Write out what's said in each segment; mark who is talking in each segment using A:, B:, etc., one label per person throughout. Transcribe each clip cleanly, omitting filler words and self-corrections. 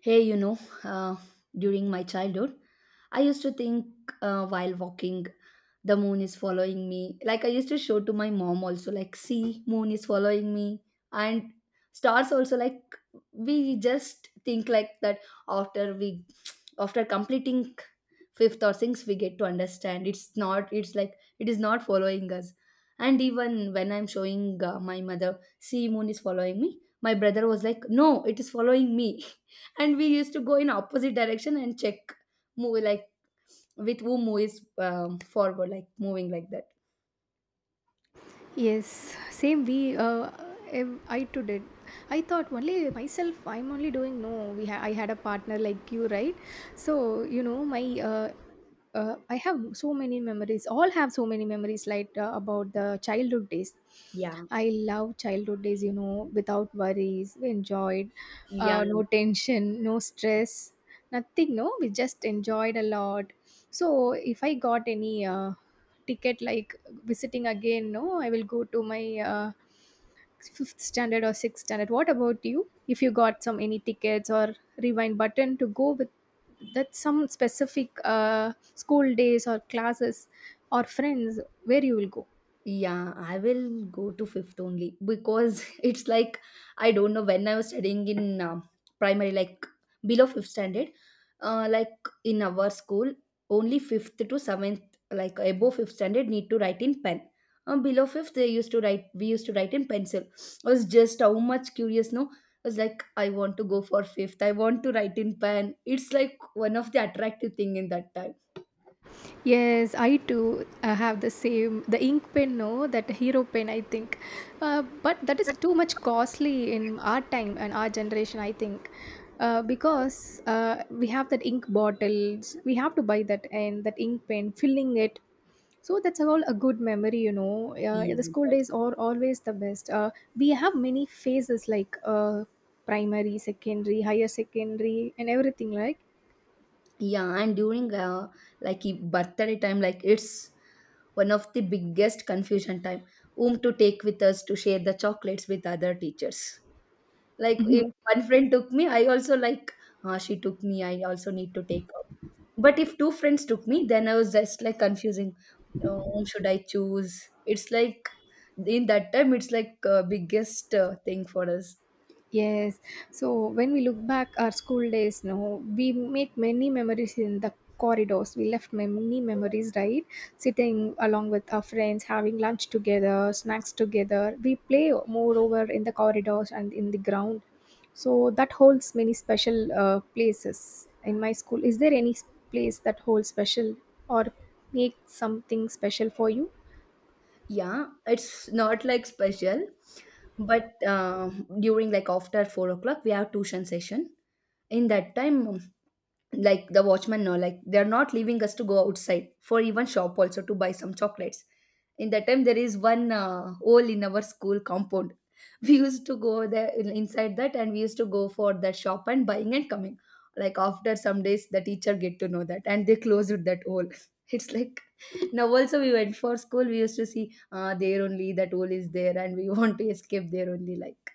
A: Hey, you know, uh, during my childhood, I used to think while walking, the moon is following me. Like I used to show to my mom also, like, see, moon is following me. And stars also, like, we just think like that after we, after completing fifth or sixth, we get to understand it's like, it is not following us. And even when I'm showing my mother, see, moon is following me, my brother was like, no, it is following me, and we used to go in opposite direction and check movie like with who movies forward like moving like that.
B: Yes, same we. I too did. I thought only myself. I'm only doing, no. I had a partner like you, right? So you know my. I have so many memories. All have so many memories, like about the childhood days.
A: Yeah.
B: I love childhood days. Without worries, we enjoyed.
A: Yeah.
B: No tension, no stress, nothing. No, we just enjoyed a lot. So if I got any ticket, like visiting again, no, I will go to my uh, fifth standard or sixth standard. What about you? If you got some any tickets or rewind button to go with that, some specific school days or classes or friends, where you will go?
A: Yeah, I will go to fifth only because it's like I don't know when I was studying in primary, like below fifth standard, like in our school, only fifth to seventh, like above fifth standard, need to write in pen. Below fifth, they used to write. we used to write in pencil. I was just how much curious, no? I was like, I want to go for fifth. I want to write in pen. It's like one of the attractive thing in that time.
B: Yes, I too have the same the ink pen, no, that hero pen, I think. But that is too much costly in our time and our generation, I think. Because we have that ink bottles, we have to buy that and that ink pen, filling it. So that's all a good memory.
A: Yeah.
B: The school days are always the best. We have many phases like primary, secondary, higher secondary, and everything like.
A: Yeah, and during birthday time, like it's one of the biggest confusion time, whom to take with us to share the chocolates with other teachers. Like if one friend took me, I also like, ah, she took me, I also need to take her. But if two friends took me, then I was just like confusing, whom should I choose? It's like in that time, it's like biggest thing for us.
B: Yes. So when we look back our school days, no, we make many memories in the corridors. We left many memories, right? Sitting along with our friends, having lunch together, snacks together. We play moreover in the corridors and in the ground. So that holds many special places in my school. Is there any place that holds special or make something special for you?
A: Yeah, it's not like special, but during like after 4 o'clock, we have tuition session. In that time, like the watchman, no, like they're not leaving us to go outside for even shop also to buy some chocolates. In that time, there is one hole in our school compound. We used to go there inside that, and we used to go for the shop and buying and coming. Like after some days, the teacher get to know that, and they closed that hole. It's like now also we went for school, we used to see there only that hole is there, and we want to escape there only, like.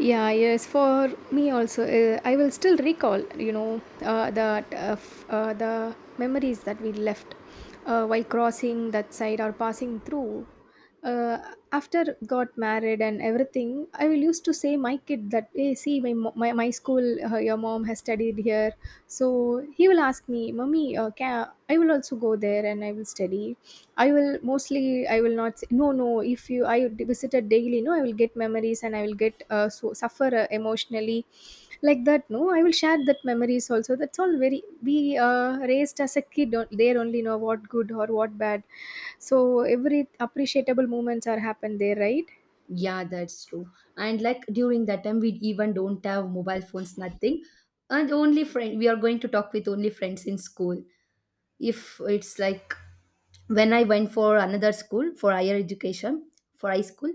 B: Yeah, yes, for me also, I will still recall, that the memories that we left while crossing that side or passing through. After got married and everything, I will used to say my kid that, hey, see, my school, your mom has studied here, so he will ask me, mommy, can I will also go there and I will study. I will mostly I will not say no, no, if you I visited daily, no, I will get memories and I will get so, suffer emotionally like that, no, I will share that memories also. That's all very we raised as a kid there only know what good or what bad. So every appreciable moments are happened there, right?
A: Yeah, that's true. And like during that time, we even don't have mobile phones, nothing. And only friend, we are going to talk with only friends in school. If it's like when I went for another school for higher education, for high school,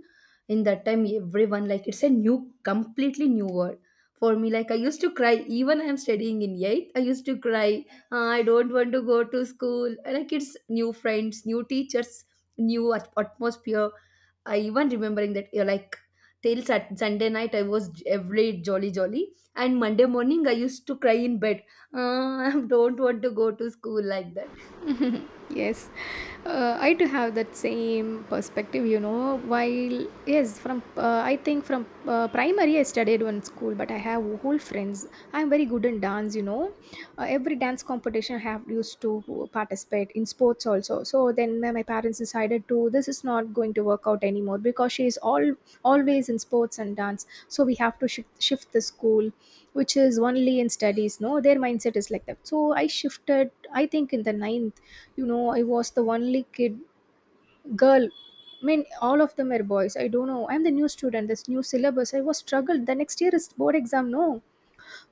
A: in that time, everyone like it's a new, completely new world. For me, like I used to cry, even I am studying in eighth, I used to cry, "Ah, I don't want to go to school. Like it's new friends, new teachers, new atmosphere. I even remembering that like till Sunday night I was every jolly jolly, and Monday morning I used to cry in bed. Uh, I don't want to go to school," like that.
B: Yes, I too have that same perspective, you know, while yes, from I think from primary I studied one school, but I have whole friends. I'm very good in dance. Every dance competition I have used to participate, in sports also, so then my parents decided to, this is not going to work out anymore because she is all always in sports and dance, so we have to shift the school, which is only in studies, no, their mindset is like that, so I shifted, I think, in the ninth. I was the only kid girl. I mean, all of them were boys. I don't know. I'm the new student. This new syllabus. I was struggled. The next year is board exam. No,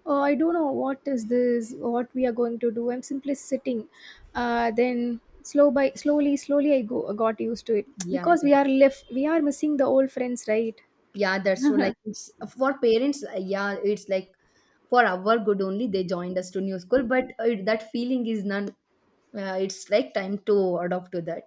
B: oh, I don't know what is this. What we are going to do. I'm simply sitting. Then slow by slowly, got used to it
A: Yeah,
B: because we are left. We are missing the old friends, right?
A: yeah. That's true. Like it's, for parents, yeah, it's like for our good only they joined us to new school, but it, that feeling is none. It's like time to adopt to that.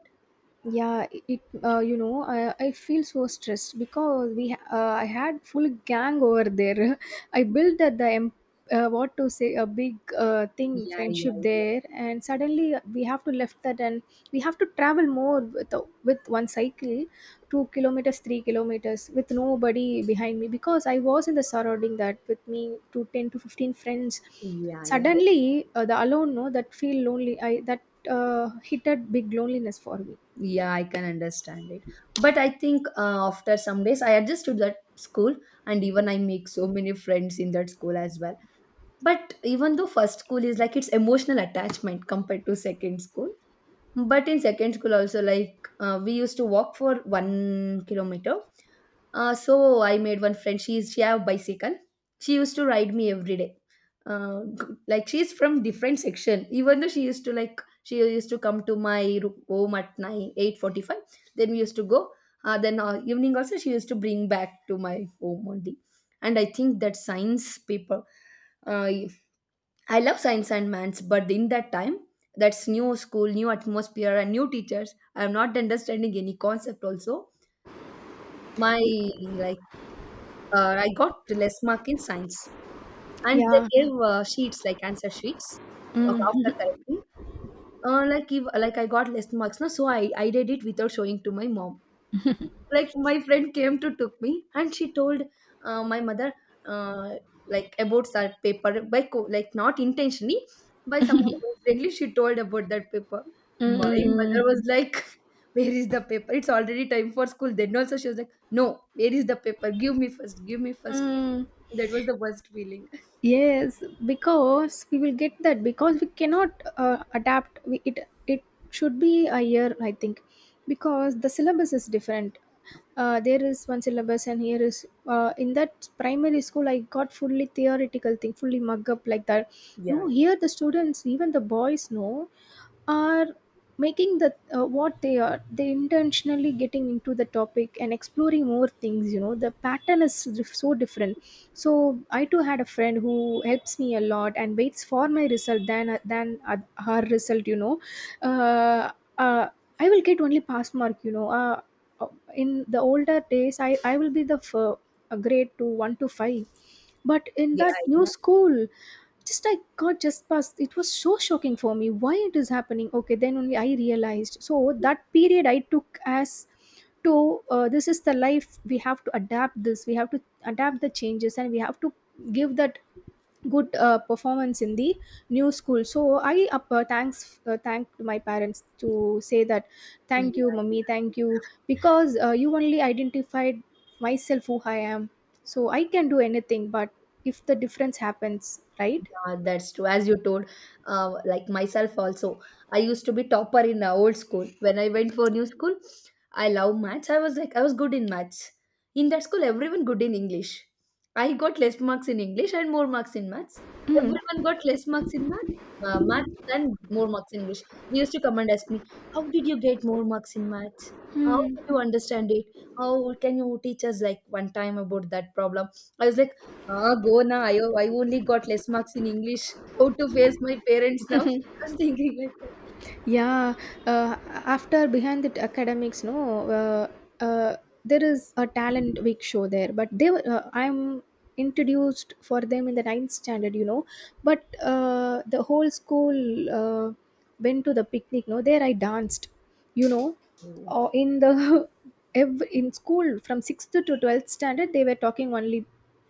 B: Yeah, it, you know I feel so stressed because I had full gang over there. I built at the what to say, a big thing
A: Yeah, yeah,
B: friendship
A: yeah,
B: there, and suddenly we have to left that, and we have to travel more with with one cycle, 2 kilometers, 3 kilometers, with nobody behind me because I was in the surrounding that with me to 10 to 15 friends.
A: yeah, yeah.
B: Suddenly, the alone, no, that feel lonely, I that hit a big loneliness for me.
A: Yeah, I can understand it. But I think after some days, I adjust to that school, and even I make so many friends in that school as well. But even though first school is like its emotional attachment compared to second school, but in second school also, like we used to walk for 1 kilometer. Uh, so I made one friend. She have bicycle. She used to ride me every day. Uh, like she's from different section. Even though she used to like she used to come to my home at nine eight forty five. Then we used to go. Then evening also she used to bring back to my home only. And I think that science paper. Uh, I love science and maths, but in that time, that's new school, new atmosphere, and new teachers. I'm not understanding any concept also my
B: Y
A: like I got less mark in science, and they
B: Yeah.
A: gave sheets like answer sheets
B: Mm.
A: after correcting. Like if like I got less marks, no, so I did it without showing to my mom. Like my friend came to took me, and she told my mother, uh, like about that paper like not intentionally, by someone accidentally she told about that paper.
B: Mm,
A: My
B: mm,
A: mother
B: mm.
A: was like where is the paper, it's already time for school, then also she was like no, where is the paper, give me first, give me first.
B: Mm.
A: That was the worst feeling.
B: Yes, because we will get that, because we cannot adapt. We, it should be a year, I think, because the syllabus is different. There is one syllabus, and here is in that primary school, I got fully theoretical thing, fully mug up like that.
A: Yeah,
B: No, here the students, even the boys, no, are making the what they are they intentionally getting into the topic and exploring more things. You know, the pattern is so different. So I too had a friend who helps me a lot and waits for my result than her result uh, uh, I will get only pass mark, you know uh, in the older days, I will be the a grade to 1 to 5, but in
A: yeah,
B: that new
A: yeah,
B: school just I got just past. It was so shocking for me. Why it is happening? Okay, then only I realized, so that period I took as to this is the life, we have to adapt this, we have to adapt the changes, and we have to give that good performance in the new school. So I up, thanks thanked my parents to say that,
A: yeah,
B: thank you
A: yeah.
B: mummy, thank you, because you only identified myself who I am, so I can do anything, but if the difference happens, right?
A: Yeah, that's true. As you told, like myself also, I used to be topper in the old school. When I went for new school, I love maths. I was good in maths. In that school, everyone good in English. I got less marks in English and more marks in maths.
B: Mm.
A: Everyone got less marks in maths, uh, maths and more marks in English. They used to come and ask me, how did you get more marks in maths? How
B: Mm.
A: did you understand it? How can you teach us like one time about that problem? I was like, ah, go na. I only got less marks in English. How to face my parents now? I was thinking like that.
B: Yeah, uh, after behind the academics, no, uh, uh, there is a talent week show there, but they were, I'm introduced for them in the ninth standard, you know, but the whole school uh, went to the picnic. No, there I danced, you know,
A: Oh.
B: in the every, in school from sixth to 12th standard, they were talking only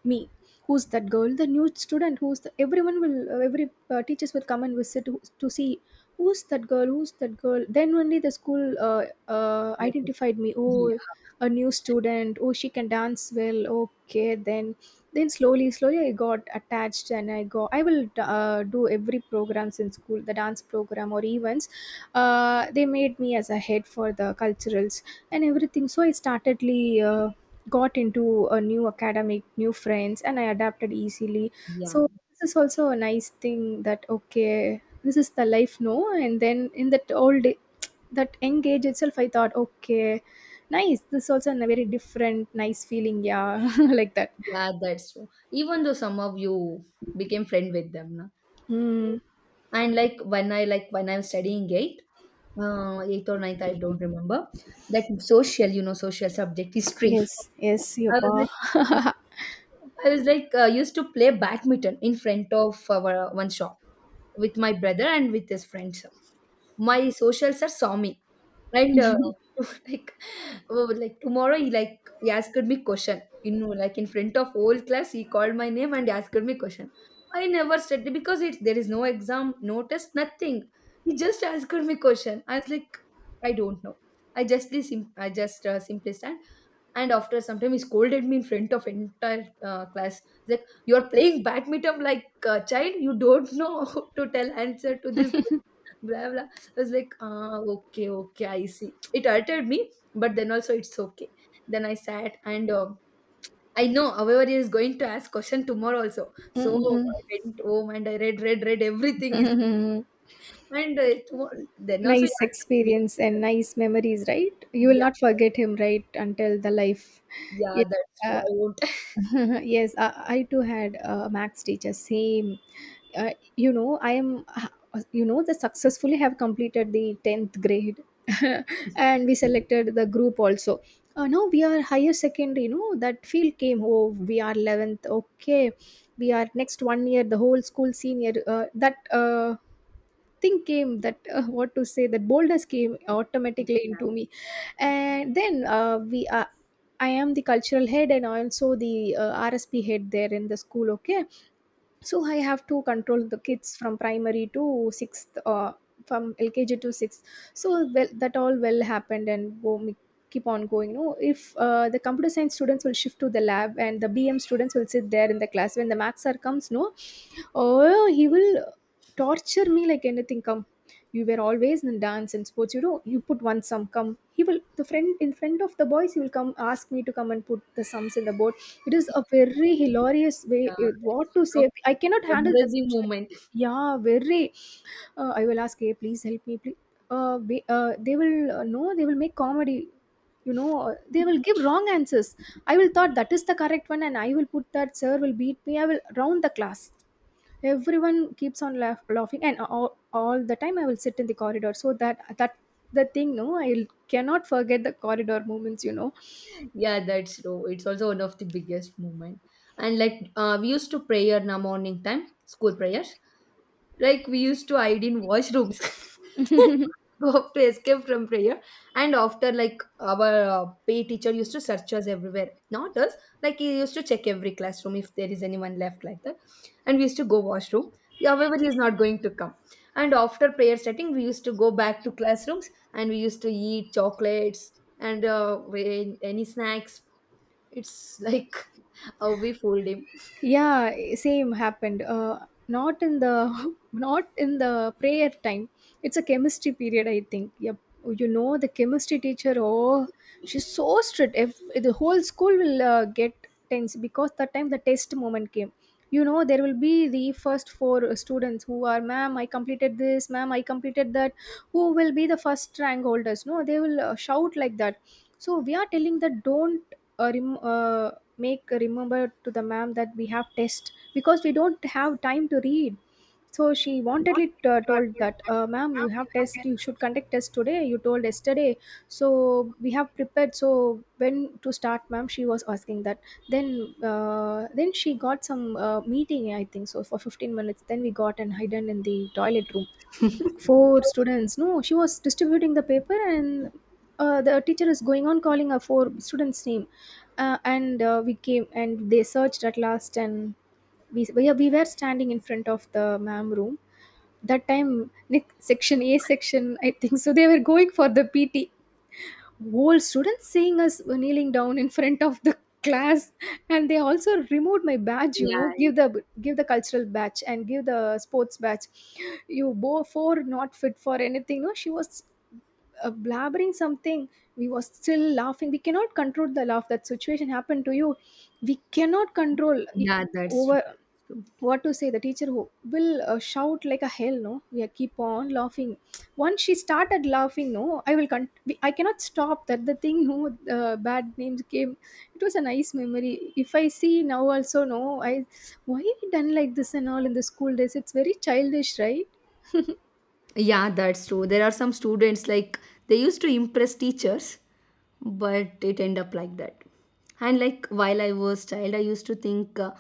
B: me. Who's that girl? The new student. Who's the, everyone will every teachers will come and visit to see who's that girl, who's that girl, then only the school
A: Okay.
B: identified me.
A: Yeah,
B: Oh, a new student, oh, she can dance well, okay, then slowly slowly I got attached, and I will do every programs in school, the dance program or events. They made me as a head for the culturals and everything, so I startedly got into a new academic, new friends, and I adapted easily.
A: yeah,
B: So this is also a nice thing that, okay, this is the life, no? And then in that old, that young age itself, I thought, okay, nice. This is also a very different, nice feeling, yeah, like that.
A: yeah, that's true. Even though some of you became friend with them, na?
B: Mm.
A: And like when I like when I'm studying eight, eighth or ninth, I don't remember, that social, you know, social subject history.
B: Yes, yes,
A: I
B: yopa.
A: was like, I was like used to play badminton in front of our one shop with my brother and with his friends. My socials are saw me, and like, oh, like tomorrow he like he asked me question. You know, like in front of whole class, he called my name and asked me question. I never studied because it there is no exam, no test, nothing. He just asked me question. I was like, I don't know. I justly I just simply stand, and after some time he scolded me in front of entire class. He's like, "You're playing badminton like a child, you don't know how to tell answer to this question," blah blah. I was like, ah, okay, okay, I see. It hurted me, but then also it's okay. Then I sat and I know however he is going to ask question tomorrow also. So
B: Mm-mm-mm.
A: I went home, and I read everything is. And then also he
B: Nice
A: asked me.
B: experience and nice memories, right? You will
A: Yeah.
B: not forget him, right, until the life.
A: Yeah, that's true, I
B: Yeah.
A: won't.
B: Yes, I too had a max teacher. Same, uh, I am, the successfully have completed the tenth grade. And we selected the group also. Now we are higher secondary. You know that field came. Oh, we are 11th. Okay, we are next one year. The whole school senior. That. Thing came that what to say, that boldness came automatically
A: Yeah.
B: into me. And then we I am the cultural head, and also the rsp head there in the school, okay. So I have to control the kids from primary to sixth, from lkg to sixth. So well, that all well happened and keep on going, no. If the computer science students will shift to the lab, and the bm students will sit there in the class when the maths are comes, no. Oh, he will torture me like anything. Come, you were always in dance and sports. You put one sum. Come, he will the friend in front of the boys. He will come ask me to come and put the sums in the board. It is a very hilarious way.
A: Yeah, that's
B: What to
A: one of
B: say? I cannot
A: the
B: handle that
A: embarrassing
B: situation.
A: moment.
B: Yeah, very. I will ask, hey, please help me, please. They will, no, they will make comedy. They will give wrong answers. I will thought that is the correct one, and I will put that. Sir will beat me. I will round the class. Everyone keeps on laughing and all the time I will sit in the corridor so that that the thing no I cannot forget the corridor moments.
A: Yeah, that's true. It's also one of the biggest moment. And like we used to prayer in the morning time, school prayers. Like we used to hide in washrooms, go to escape from prayer. And after, like our PE teacher used to search us everywhere. Not us, like he used to check every classroom if there is anyone left like that. And we used to go washroom. Yeah, however, he is not going to come. And after prayer starting, we used to go back to classrooms, and we used to eat chocolates and any snacks. It's like how we fooled him.
B: Yeah, same happened, not in the not in the prayer time. It's a chemistry period, I think. Yep. You know, the chemistry teacher, oh, she's so strict. If the whole school will get tense because that time the test moment came, you know, there will be the first four students who are, ma'am, I completed this, ma'am, I completed that, who will be the first rank holders. No, they will shout like that. So we are telling that don't uh, rem- uh, make a remember to the ma'am that we have test because we don't have time to read. So she wantedly told that, ma'am, you have test, you should conduct test today, you told yesterday, so we have prepared, so when to start, ma'am, she was asking that. Then then she got some meeting, I think so, for 15 minutes. Then we got and hidden in the toilet room. Four students, no, she was distributing the paper and the teacher is going on calling her four students name. And We came and they searched at last, and we were standing in front of the ma'am room. That time, nick section, A section, I think so, they were going for the PT. Whole students seeing us kneeling down in front of the class. And they also removed my badge, you know, give
A: Yeah,
B: the cultural badge and give the sports badge. You both four not fit for anything, no, she was blabbering something. We were still laughing, we cannot control the laugh. That situation happened to you, we cannot control.
A: yeah, that's true.
B: Over.
A: That's true.
B: What to say? The teacher who will shout like a hell. No, we are keep on laughing. Once she started laughing, no, I will I cannot stop. That the thing, no, bad names came. It was a nice memory. If I see now also, no, I why we done like this and all in the school days? It's very childish, right?
A: Yeah, that's true. There are some students like they used to impress teachers, but it end up like that. And like while I was child, I used to think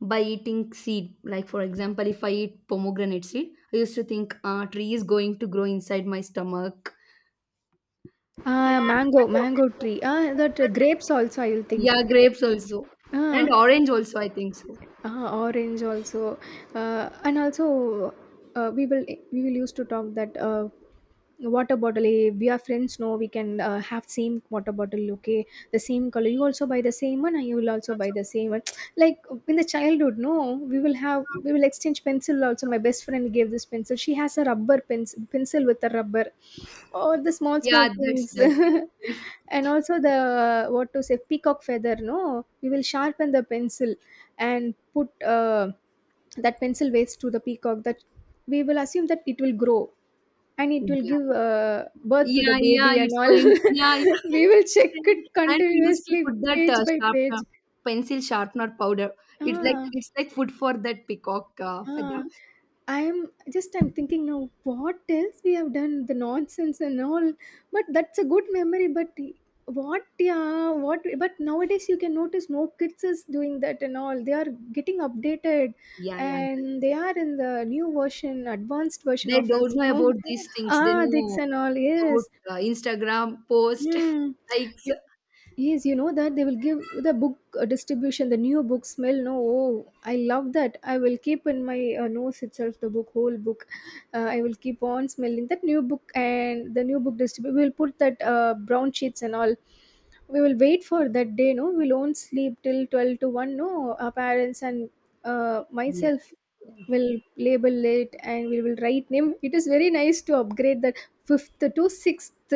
A: by eating seed, like for example, if I eat pomegranate seed, I used to think tree is going to grow inside my stomach.
B: Ah,
A: Yeah, mango.
B: mango tree. Ah, that, grapes also, I will think.
A: Yeah, grapes also, and
B: Ah,
A: orange also. I think so.
B: orange also. Uh, and also uh, we will we will used to talk that, water bottle, eh, we are friends, no, we can have same water bottle. Okay, the same color, you also buy the same one and you will also buy the same one. Like in the childhood, no, we will exchange pencil also. My best friend gave this pencil, she has a rubber pencil with a rubber, or the small
A: Yeah,
B: small things.
A: that's likely.
B: And also, the what to say, peacock feather, no, we will sharpen the pencil and put, that pencil waste to the peacock. That we will assume that it will grow and it will
A: Yeah,
B: give, birth to the
A: yeah, yeah.
B: baby
A: It's
B: and all.
A: going. Yeah, yeah.
B: We will check it
A: And we used to
B: continuously
A: put that
B: page by page.
A: pencil sharpener powder.
B: Ah,
A: It's like food for that peacock feather.
B: ah, I'm just I'm thinking now, what else we have done, the nonsense and all, but that's a good memory. But what, yeah, what, but nowadays you can notice, no, kids is doing that and all. They are getting updated,
A: Yeah, yeah. That's
B: and they are in the new version, advanced version
A: They
B: of
A: don't
B: us,
A: know
B: no.
A: about these things. They
B: Ah, dicks
A: know
B: and all.
A: about
B: Yes.
A: Instagram post
B: Hmm.
A: likes.
B: Yes, you know that they will give the book, distribution, the new book smell. No, oh, I love that. I will keep in my nose itself the book, whole book. I will keep on smelling that new book and the new book distribution. We will put that, brown sheets and all. We will wait for that day. No, we won't sleep till 12 to 1. No, our parents and,
A: Yeah,
B: myself,
A: yeah.
B: we will label it and we will write name. It is very nice to upgrade that fifth to sixth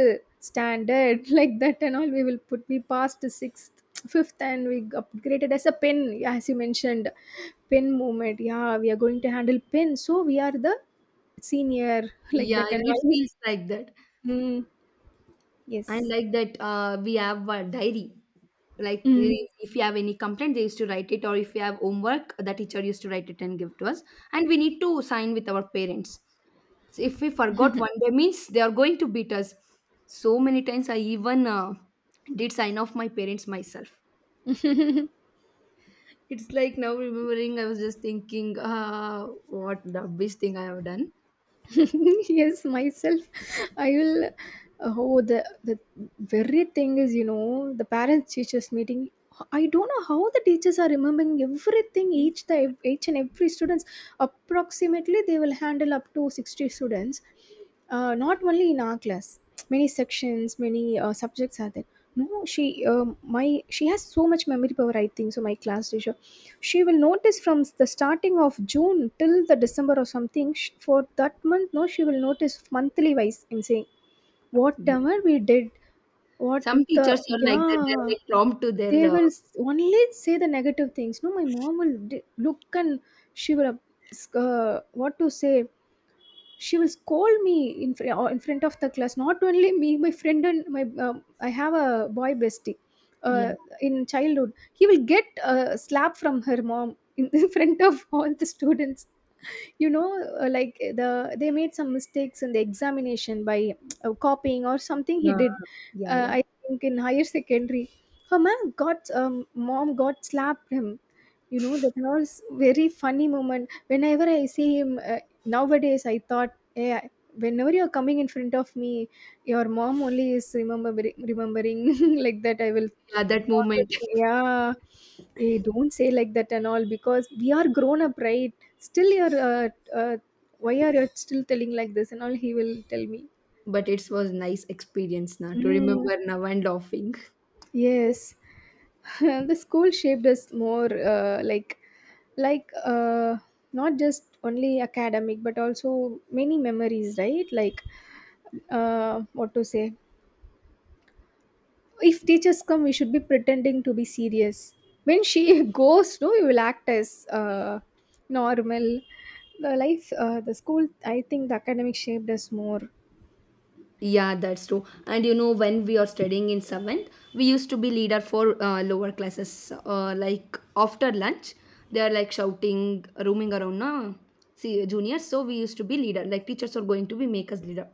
B: standard like that and all. We will put we passed the sixth fifth and we upgraded as a pen, as you mentioned, pen movement. Yeah, we are going to handle pen, so we are the senior. Like
A: Yeah,
B: that
A: yeah,
B: and
A: it
B: all.
A: feels like that.
B: Mm,
A: And
B: yes.
A: like that, we have a diary. Like
B: Mm.
A: they- if you have any complaint, they used to write it, or if you have homework, the teacher used to write it and give to us. And we need to sign with our parents. So if we forgot one day, means they are going to beat us. So many times I even did sign off my parents myself. It's like now remembering, I was just thinking, what the best thing I have done.
B: Yes, myself, I will, oh, the the very thing is, you know, the parents teachers meeting. I don't know how the teachers are remembering everything, each and every students. Approximately they will handle up to 60 students, not only in our class, many sections, many subjects are there. No, she has so much memory power, I think so. My class teacher, she will notice from the starting of June till the December or something, for that month. No, she will notice monthly wise and saying
A: Yeah.
B: whatever we did, what
A: Some
B: the,
A: teachers are like that; they're
B: yeah,
A: like prompt to
B: they
A: their
B: will only say the negative things. No, my mom will look and she will, what to say, she will scold me in, fr- or in front of the class, not only me, my friend, and my, I have a boy bestie,
A: yeah
B: uh, in childhood. He will get a slap from her mom in front of all the students, you know. Uh, like, the they made some mistakes in the examination by copying or something he did.
A: Yeah,
B: Uh,
A: yeah.
B: I think in higher secondary, her mom got slapped him, you know. That was very funny moment. Whenever I see him, nowadays, I thought, yeah, whenever you're coming in front of me, your mom only is remembering. Like that, I will
A: yeah That
B: talk
A: moment.
B: with you. Yeah. Eh, don't say like that and all, because we are grown up, right? Still, you're, uh, why are you still telling like this and all? He will tell me.
A: But it was nice experience now to
B: Mm,
A: remember now and laughing.
B: yes. The school shaped us more, like uh, not just only academic but also many memories, right? Like, what to say, if teachers come, we should be pretending to be serious. When she goes, no, you will act as, normal. The life, the school, I think the academic shaped us more.
A: Yeah, that's true. And you know, when we are studying in seventh, we used to be leader for lower classes. Like after lunch, they are like shouting, roaming around. Na, see, juniors. So we used to be leader. Like teachers are going to be make us leader.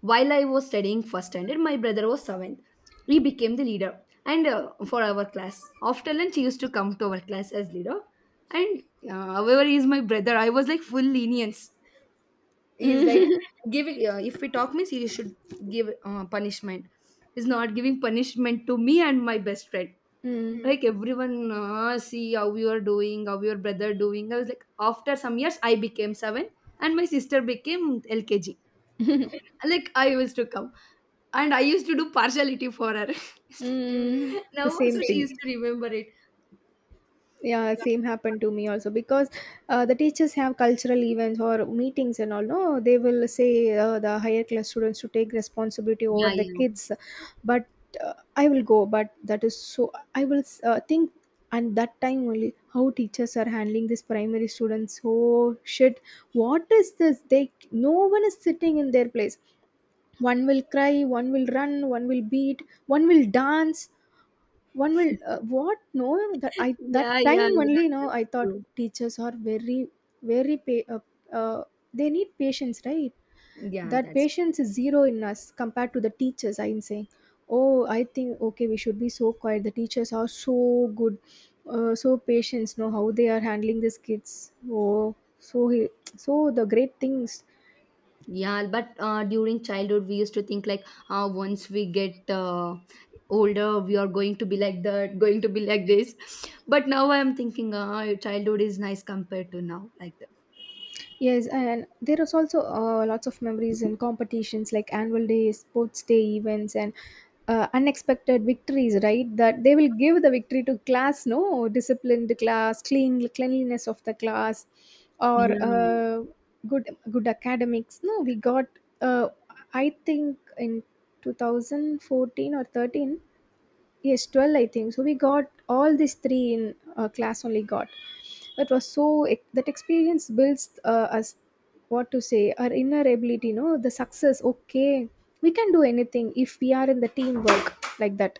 A: While I was studying first standard, my brother was seventh. He became the leader, and for our class, after lunch, he used to come to our class as leader. And however, he is my brother. I was like full lenience is
B: Mm.
A: like giving if we talk means he should give punishment. He's not giving punishment to me and my best friend.
B: Mm.
A: Hmm. Like everyone see how you are doing, how your brother doing. I was like, after some years, I became 7 and my sister became lkg. Like I used to come and I used to do partiality for her. Hmm.
B: Mm.
A: Now
B: The
A: also
B: same
A: she used
B: thing.
A: to remember it.
B: Yeah, same happened to me also, because, the teachers have cultural events or meetings and all. No, they will say, the higher class students to take responsibility over
A: Yeah,
B: the
A: yeah, yeah.
B: kids. But, I will go. But that is so, I will, think, and that time only, how teachers are handling this primary students. Oh shit! What is this? They no one is sitting in their place. One will cry, one will run, one will beat, one will dance, one will, what, no, that I that
A: Yeah, yeah,
B: time only, you
A: yeah.
B: know, I thought teachers are very very they need patience, right?
A: Yeah,
B: That
A: that's.
B: patience is zero in us compared to the teachers, I'm saying. Oh, I think, okay, we should be so quiet. The teachers are so good, so patience, know how they are handling these kids. Oh, so he, so the great things.
A: Yeah, but during childhood, we used to think like, once we get older, we are going to be like that, going to be like this. But now I'm thinking, childhood is nice compared to now, like that.
B: Yes, and there is also, lots of memories and competitions like annual days, sports day events, and, unexpected victories. Right, that they will give the victory to class. No, disciplined class, cleanliness of the class, or,
A: Yeah.
B: good academics. No, we got. Uh, I think in 2014 or 13, yes, 12, I think so, we got all these three in, class only got. That was so, that experience builds, us, what to say, our inner ability, you know, the success. Okay, we can do anything if we are in the teamwork, like that.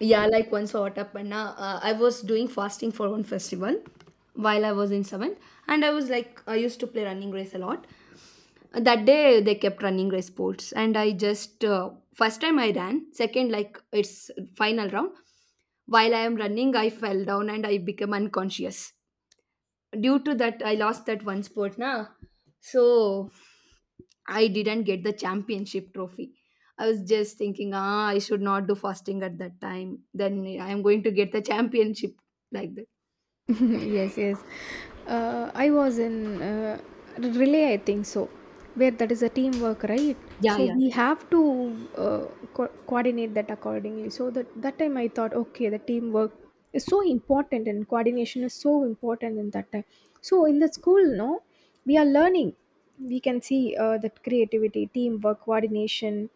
A: Yeah, like once what happened, I was doing fasting for one festival while I was in seventh, and I was like, I used to play running race a lot. That day they kept running race sports and I just first time I ran second. Like it's final round. While I am running, I fell down and I became unconscious. Due to that, I lost that one sport now. So I didn't get the championship trophy. I was just thinking, ah, I should not do fasting at that time, then I am going to get the championship, like that.
B: Yes, yes. I was in, relay, I think so, where that is a teamwork, right?
A: Yeah,
B: So
A: yeah,
B: we have to, uh, coordinate that accordingly. So that time I thought, okay, the teamwork is so important and coordination is so important in that time. So in the school, no, we are learning. We can see, that creativity, teamwork, coordination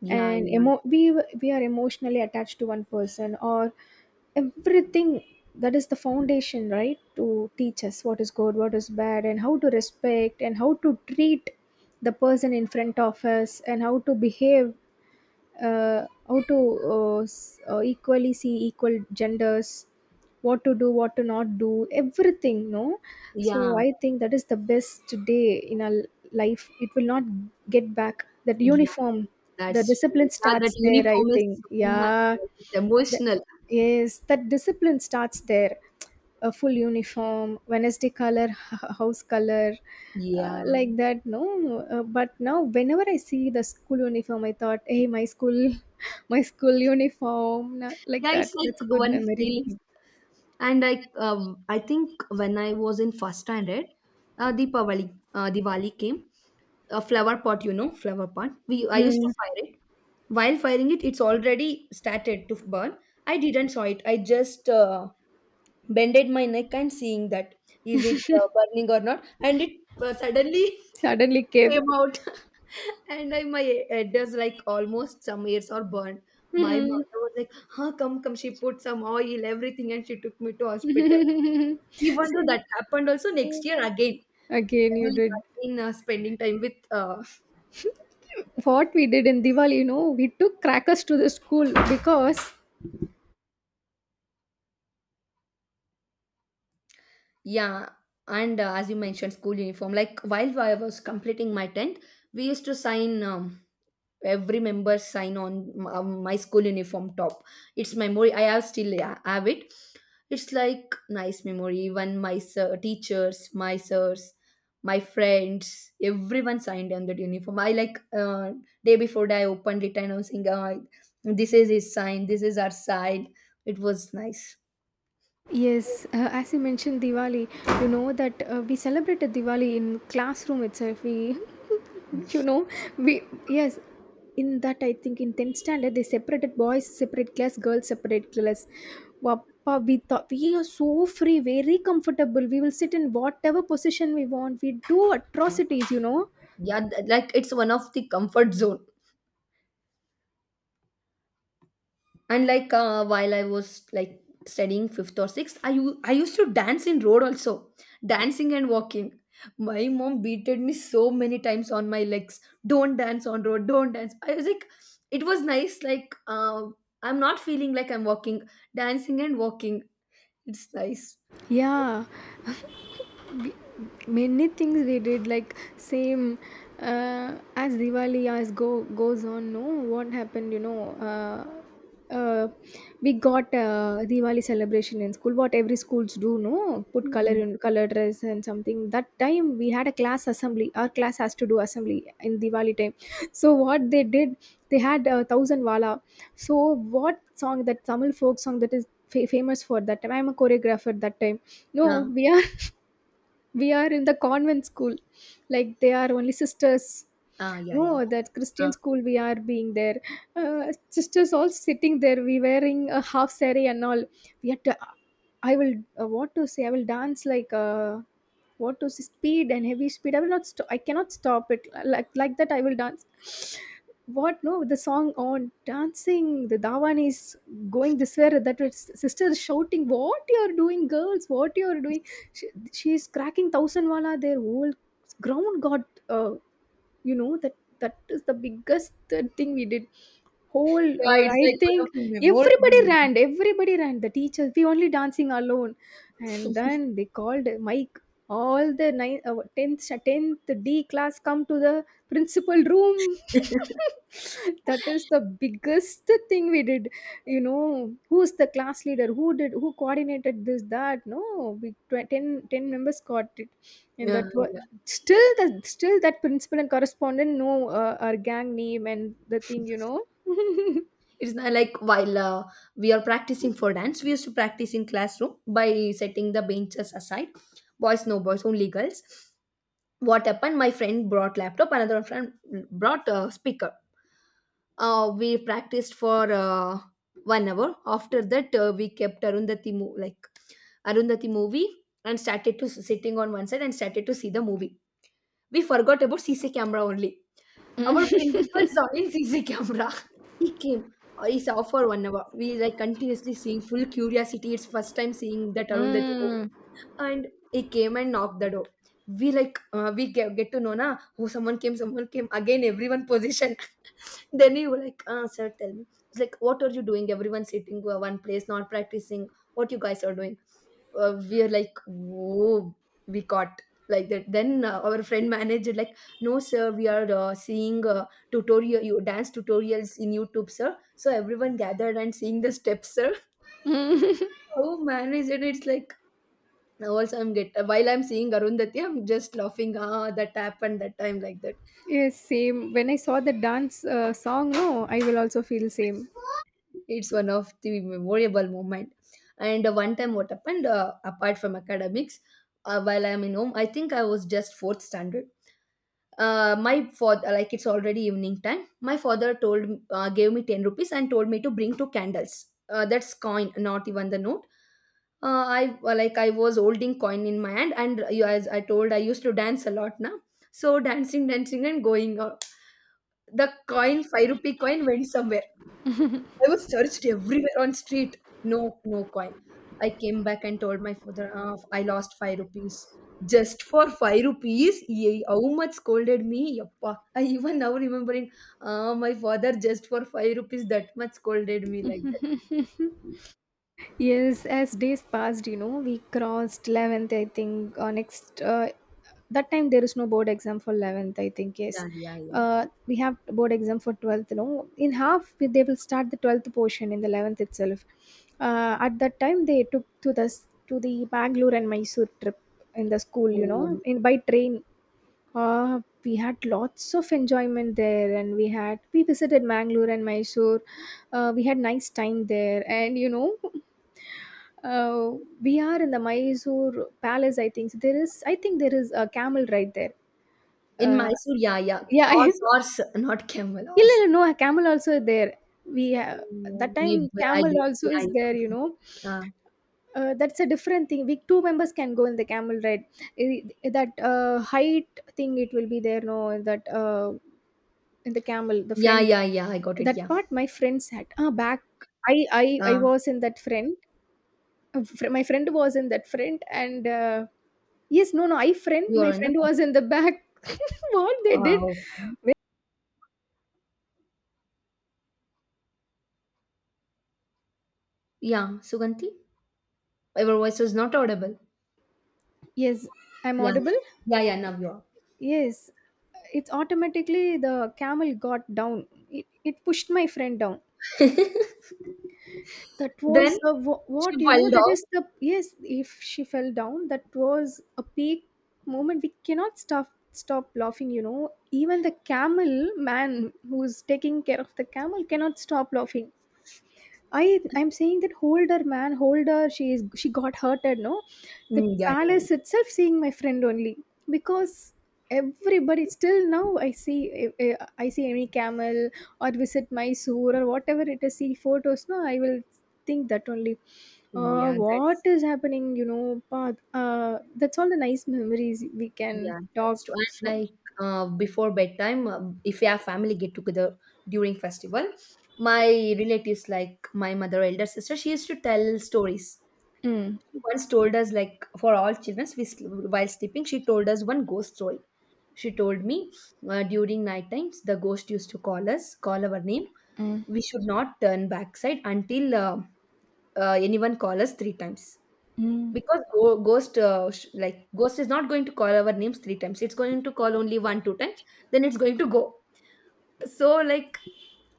A: yeah.
B: and,
A: Yeah, yeah,
B: we are emotionally attached to one person or everything. That is the foundation, right, to teach us what is good, what is bad, and how to respect and how to treat the person in front of us and how to behave, how to, equally see equal genders, what to do, what to not do, everything, no. So
A: yeah.
B: I think that is the best day in our life. It will not get back, that
A: Yeah,
B: uniform. The
A: that's true.
B: discipline
A: Yeah, that
B: starts there, I
A: uniform is
B: think.
A: so much
B: Yeah.
A: like, it's emotional.
B: Yes, that discipline starts there. A full uniform, Wednesday color, house color,
A: Yeah.
B: like that. No, but now whenever I see the school uniform, I thought, hey, my school, my school uniform, na-, like
A: Yeah, it's
B: that. That's a
A: like
B: good
A: one
B: memory.
A: feeling. And I think when I was in first standard, Deepavali, Diwali came. A flower pot, you know, flower pot. We I used
B: Mm,
A: to fire it. While firing it, it's already started to burn. I didn't saw it. I just bended my neck and seeing that is it burning or not, and it suddenly
B: suddenly came.
A: came out and I, my headers like almost some ears are burned. My
B: Mm.
A: mother was like, huh, come, come. She put some oil, everything, and she took me to hospital. Even though
B: See,
A: that happened also next year again,
B: again, you
A: doing
B: did.
A: again spending time with,
B: What we did in Diwali, you know, we took crackers to the school because,
A: yeah. And as you mentioned, school uniform. Like while I was completing my 10th, we used to sign every member sign on my school uniform top. It's memory I have still. Yeah, have it. It's like nice memory. Even my sir, teachers, my sirs, my friends, everyone signed on that uniform. I like day before day I opened it and I was saying this is his sign, this is our sign. It was nice.
B: yes, as you mentioned Diwali, you know that, we celebrated Diwali in classroom itself. We, you know, we yes, in that, I think in tenth standard they separated boys separate class, girls separate class. Wappa, we thought we are so free, very comfortable. We will sit in whatever position we want. We do atrocities, you know.
A: Like it's one of the comfort zone. And like while I was like studying fifth or sixth, I used to dance in road also, dancing and walking. My mom beated me so many times on my legs, don't dance on road, don't dance. I was like, it was nice like, I'm not feeling like I'm walking, dancing and walking, it's nice.
B: Yeah. Many things we did like same, as Diwali as go goes on, no? What happened, uh, we got Diwali celebration in school. What every schools do, no? Put color
A: Mhm.
B: in color dress and something. That time we had a class assembly. Our class has to do assembly in Diwali time. So what they did, they had a thousand wala. So what song, that Tamil folk song that is famous for that time. I'm a choreographer that time, no?
A: Ah,
B: We are in the convent school. Like they are only sisters.
A: ah, yeah, yeah.
B: No, that Christian
A: Ah.
B: school we are being there. Sisters all sitting there. We wearing a half saree and all. We had to. I will, what to say. I will dance like, what to say, speed and heavy speed. I will not. I cannot stop it, like that. I will dance. What, no? The song on dancing. The Dawan is going this way, that way. Sister is shouting, "What you are doing, girls? What you are doing?" She she's cracking thousand-wala. Their whole ground got, uh, you know, that is the biggest thing we did. Whole,
A: Yeah, it's
B: I
A: like one of
B: think
A: the
B: everybody
A: memorable.
B: ran. Everybody ran. The teachers, we only dancing alone, and then they called Mike. All the nine, 10th, 10th D class, come to the principal room. That is the biggest thing we did. You know who's the class leader, who did, who coordinated this, that? No, 10, ten members got it. And
A: Yeah,
B: that was still the, still that principal and correspondent know, our gang name and the thing, you know.
A: it's not like while we are practicing for dance, we used to practice in classroom by setting the benches aside. Boys, no boys, only girls. What happened, my friend brought laptop, another friend brought a speaker. We practiced for 1 hour. After that we kept like Arundhati movie and started to sitting on one side and started to see the movie. We forgot about C C camera only. Our principal saw in CC camera. He came. He saw for 1 hour. We like continuously seeing, full curiosity. It's first time seeing that Arundhati movie. And he came and knocked the door. We like, we get to know, na, oh, someone came, someone came again, everyone position. Then he was like, sir tell me, it's like, what are you doing, everyone sitting one place, not practicing, what you guys are doing. We are like, whoa, we caught, like that. Then our friend manager like, no sir, we are seeing tutorial, you dance tutorials in youtube sir, so everyone gathered and seeing the steps sir. Oh manager, it's like, also, I'm get while I'm seeing Arundhati, I'm just laughing. Ah, that happened that time, like that.
B: Yes, same. When I saw the dance, song, no, I will also feel same.
A: It's one of the memorable moment. And one time, what happened? Apart from academics, while I'm in home, I think I was just fourth standard. My father like, it's already evening time, my father told, gave me 10 rupees and told me to bring two candles. That's coin, not even the note. I was holding coin in my hand, and you, as I told, I used to dance a lot now. So dancing dancing and going, the coin, 5 rupee coin went somewhere. I was searched everywhere on street. No, no coin. I came back and told my father, "Ah, I lost five rupees. Just for five rupees, Ye- how much scolded me? Yappa. I even now remembering, ah, my father, just for five rupees, that much scolded me, like that.
B: Yes, as days passed, you know, we crossed 11th, I think, or next. That time there is no board exam for 11th, I think, yes.
A: Yeah, yeah, yeah.
B: We have board exam for 12th, you know. In half, they will start the 12th portion in the 11th itself. At that time, they took to the, to the Bangalore and Mysore trip in the school, you know,
A: Oh.
B: in by train. We had lots of enjoyment there, and we visited Bangalore and Mysore. We had nice time there, and you know. Uh, we are in the Mysore Palace, I think. So there is, I think there is a camel right there.
A: In
B: Uh,
A: Mysore, yeah, yeah.
B: yeah.
A: Horse, horse, not camel,
B: இல்ல,
A: horse.
B: no, a camel also there. We have,
A: Oh,
B: that time
A: maybe I
B: camel
A: don't.
B: also
A: Yeah,
B: is there, you know.
A: yeah.
B: That's a different thing. We two members can go in the camel ride. I- That, height thing, it will be there, no? That, in the camel, the
A: Yeah,
B: front.
A: yeah, yeah. I got it.
B: That
A: Yeah.
B: part my friend sat. Ah, back. I, I, I
A: Uh,
B: was in that friend. My friend was in that front, and yes, no, no, I friend
A: you
B: my
A: are in the
B: friend
A: back.
B: was in the back. What they did?
A: Uh, Yeah, Suganti, your voice was not audible.
B: Yes, I'm
A: Yeah,
B: audible.
A: yeah, yeah. Now you are.
B: Yes, it's automatically the camel got down. It pushed my friend down. That
A: Then
B: was a,
A: she
B: what, you know,
A: filed
B: that
A: off.
B: is the, yes, if she fell down, that was a peak moment. We cannot stop laughing, you know. Even the camel man, who's taking care of the camel, cannot stop laughing. I'm saying that, "Hold her, man, hold her. She got hurted, no?" The
A: Mm, yeah, yeah,
B: palace
A: yeah.
B: itself seeing my friend only, because everybody, still now, I see any camel or visit Mysore or whatever it is, see photos, no? I will think that only.
A: Yeah,
B: What
A: that's.
B: is happening? You know. But, that's all the nice memories we can
A: Yeah, that's
B: talk.
A: true. And
B: So.
A: like before bedtime, if our family get together during festival, my relatives like my mother, elder sister, she used to tell stories.
B: Mm,
A: She once told us, like, for all children, while sleeping, she told us one ghost story. She told me during night times, the ghost used to call us, call our name.
B: mm,
A: We should not turn backside until anyone call us three times.
B: mm,
A: Because ghost, like ghost, is not going to call our names three times. It's going to call only one, two times. Then it's going to go. So like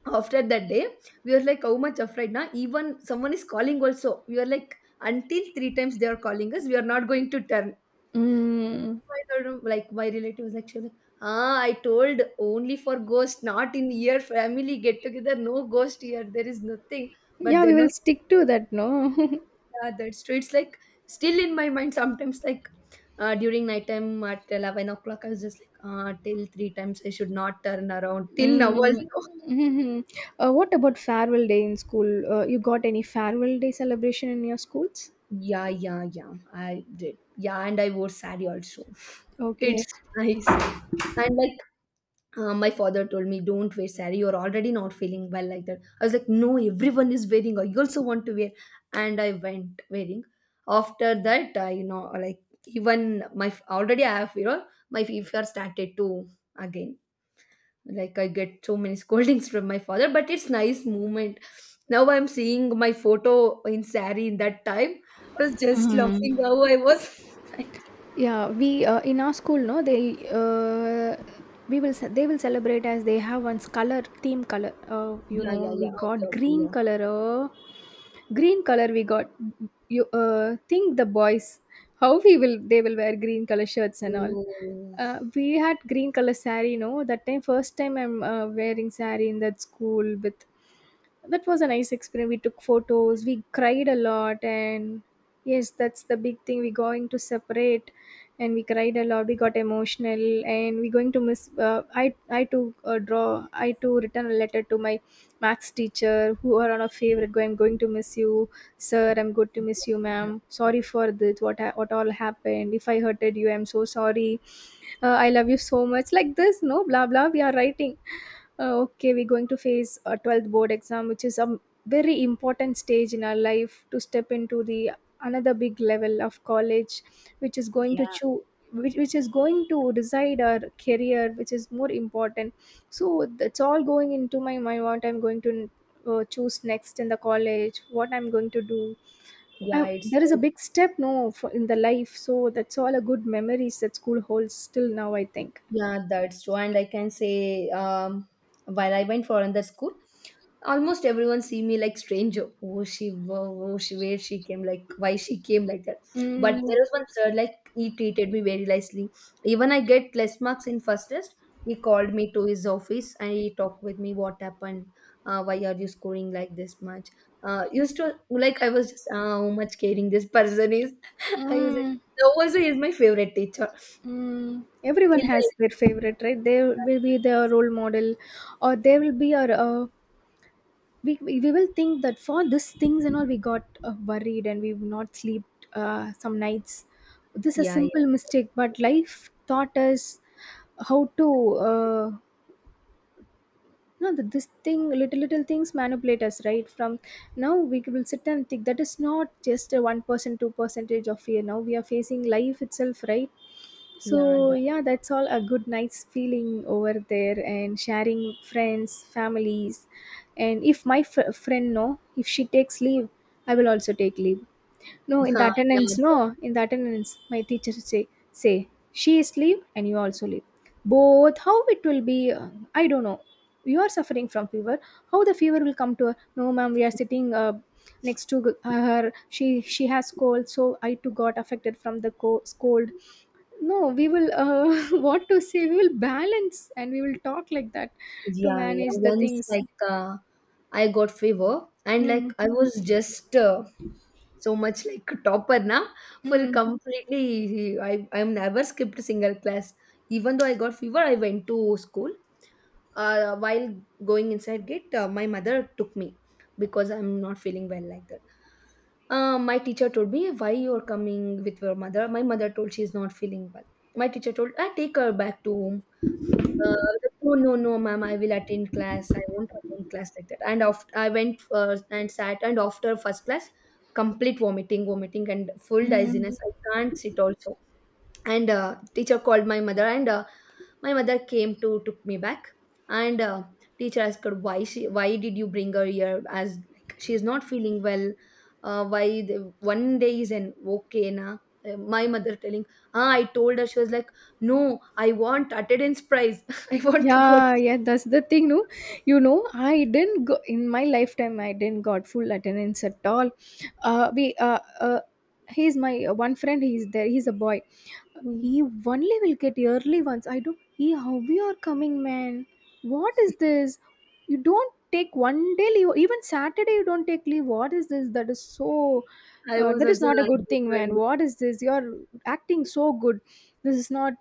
A: after that day, we were like, how much afraid now? Even someone is calling also, we are like, until three times they are calling us, we are not going to turn.
B: mm.
A: I don't like, my relative was like, she was like, ah, I told only for ghost, not in your family get together, no ghost here, there is nothing. But
B: Yeah, we
A: then, oh,
B: will stick to that, no?
A: yeah, that's true. It's like still in my mind sometimes, like during nighttime at 11 o'clock, I was just like, ah, till three times, I should not turn around. Till now,
B: Mm.
A: also.
B: Mhm. What about farewell day in school? You got any farewell day celebration in your schools?
A: Yeah, yeah, yeah, I did. Yeah, and I wore sari also. It's
B: Okay.
A: nice. And like my father told me, don't wear sari, you're already not feeling well, like that. I was like, no, everyone is wearing, I also want to wear. And I went wearing. After that, I you know, like, even already I have, you know, my fever started to again. Like I get so many scoldings from my father, but it's nice moment. Now I'm seeing my photo in sari, in that time, I was just laughing
B: Mhm.
A: how I was.
B: Yeah, we, in our school, no, they, they will celebrate as they have one color theme color. You
A: Yeah, yeah,
B: know, we
A: yeah, okay,
B: got
A: okay,
B: green
A: yeah.
B: color. Green color we got. You, think the boys, how we will they will wear green color shirts and all.
A: Oh,
B: We had green color sari. No, that time first time I'm, wearing sari in that school. With that was a nice experience. We took photos, we cried a lot, and yes, that's the big thing. We're going to separate, and we cried a lot. We got emotional, and we're going to miss. I to, draw. I to return a letter to my maths teacher who are on a favorite. Go, I'm going to miss you, sir. I'm going to miss you,
A: yeah,
B: ma'am. Sorry for this. What all happened? If I hurted you, I'm so sorry. I love you so much. Like this, no, blah blah. We are writing, okay, we're going to face a 12th board exam, which is a very important stage in our life to step into the another big level of college, which is going to choose. Which is going to decide our career, which is more important. So that's all going into my mind, what I'm going to, choose next in the college, what I'm going to do.
A: yeah, it's
B: There is a
A: like.
B: big step, no, in the life, so that's all a good memories that school holds till now, I think.
A: Yeah, that's true. And I can say, while I went for another school, almost everyone see me like stranger. Oh, she, wo- oh, she, where she came, like why she came, like that. But there
B: Mm,
A: was one sir, like he treated me very nicely. Even I get less marks in first test, he called me to his office and he talked with me what happened. Why are you scoring like this much? Used to, like I was just how much caring this person is. I was like,
B: mm.
A: no, also he is my favorite teacher
B: Mm,
A: till
B: everyone has
A: the
B: their favorite, right? They will be their
A: end.
B: role model, or they will be our. We will think that for these things and all, we got, worried, and we've not slept, some nights. This is a
A: Yeah,
B: simple
A: yeah,
B: mistake, but life taught us how to. No, that this thing, little little things manipulate us, right? From now, we will sit and think that is not just a 1%, two percentage of fear. Now we are facing life itself, right?
A: yeah,
B: So
A: the,
B: yeah, that's all a good nice feeling over there, and sharing friends, families. And if my friend, no, if she takes leave, I will also take leave. No, in the
A: yeah, the,
B: attendance, no, in the attendance, my teacher say she is leave and you also leave. Both, how it will be, I don't know. You are suffering from fever. How the fever will come to her? No, ma'am, we are sitting, next to her. She has cold, so I too got affected from the cold, no. We will, what to say, we will balance, and we will talk like that, to
A: yeah, yeah.
B: manage the
A: Once
B: things.
A: like I got fever and
B: Mm,
A: like I was just so much like topper na, full
B: mm,
A: completely. I never skipped a single class. Even though I got fever, I went to school. While going inside gate, my mother took me because I'm not feeling well, like that. My teacher told me, why you are coming with your mother. My mother told, she is not feeling well. My teacher told, I take her back to home. Uh, no, no, no, ma'am. I will attend class. I won't attend class, like that. And after I went and sat, and after first class, complete vomiting, vomiting, and full
B: mm.
A: dizziness. I can't sit also. And teacher called my mother, and my mother came to took me back. And teacher asked her, why she, why did you bring her here as like, she is not feeling well. Why the, one day is an okay na. My mother telling, ah, I told her. She was like, no, I want attendance prize. I want to go
B: Yeah, yeah, that's the thing, no. You know, I didn't go in my lifetime. I didn't got full attendance at all. We he's my, one friend. He's there. He's a boy.
A: to-"
B: He only will get early ones. I don't. He, how we are coming, man? What is this? You don't take one day leave. Even Saturday, you don't take leave. What is this? That is so.
A: I was
B: That is
A: also
B: not a
A: like,
B: good
A: that
B: thing, man.
A: when-
B: What is this? You're acting so good. This is not,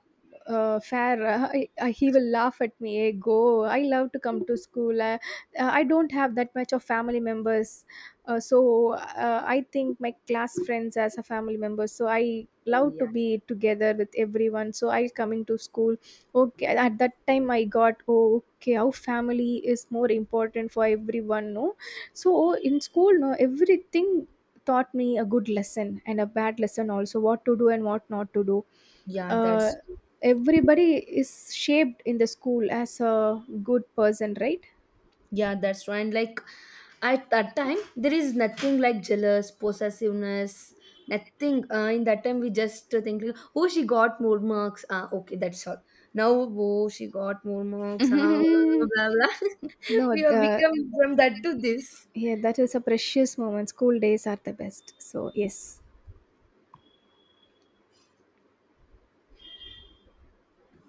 B: fair. He will laugh at me. Hey, go. I love to come to school. I don't have that much of family members. So I think my class friends as a family member. So I
A: oh,
B: love to
A: yeah,
B: be together with everyone. So I coming to school. Okay. At that time I got, oh, okay, how family is more important for everyone. No. So in school, no, everything taught me a good lesson and a bad lesson also, what to do and what not to do.
A: yeah,
B: Uh.
A: that's.
B: Everybody is shaped in the school as a good person, right?
A: Yeah, that's right. And like at that time, there is nothing like jealous, possessiveness, nothing. In that time, we just think, oh, she got more marks. Ah, okay, that's all. Now, oh, she got more marks. Ah, blah, blah, blah.
B: No,
A: We have
B: the
A: become from that to this.
B: Yeah, that is a precious moment. School days are the best. So yes.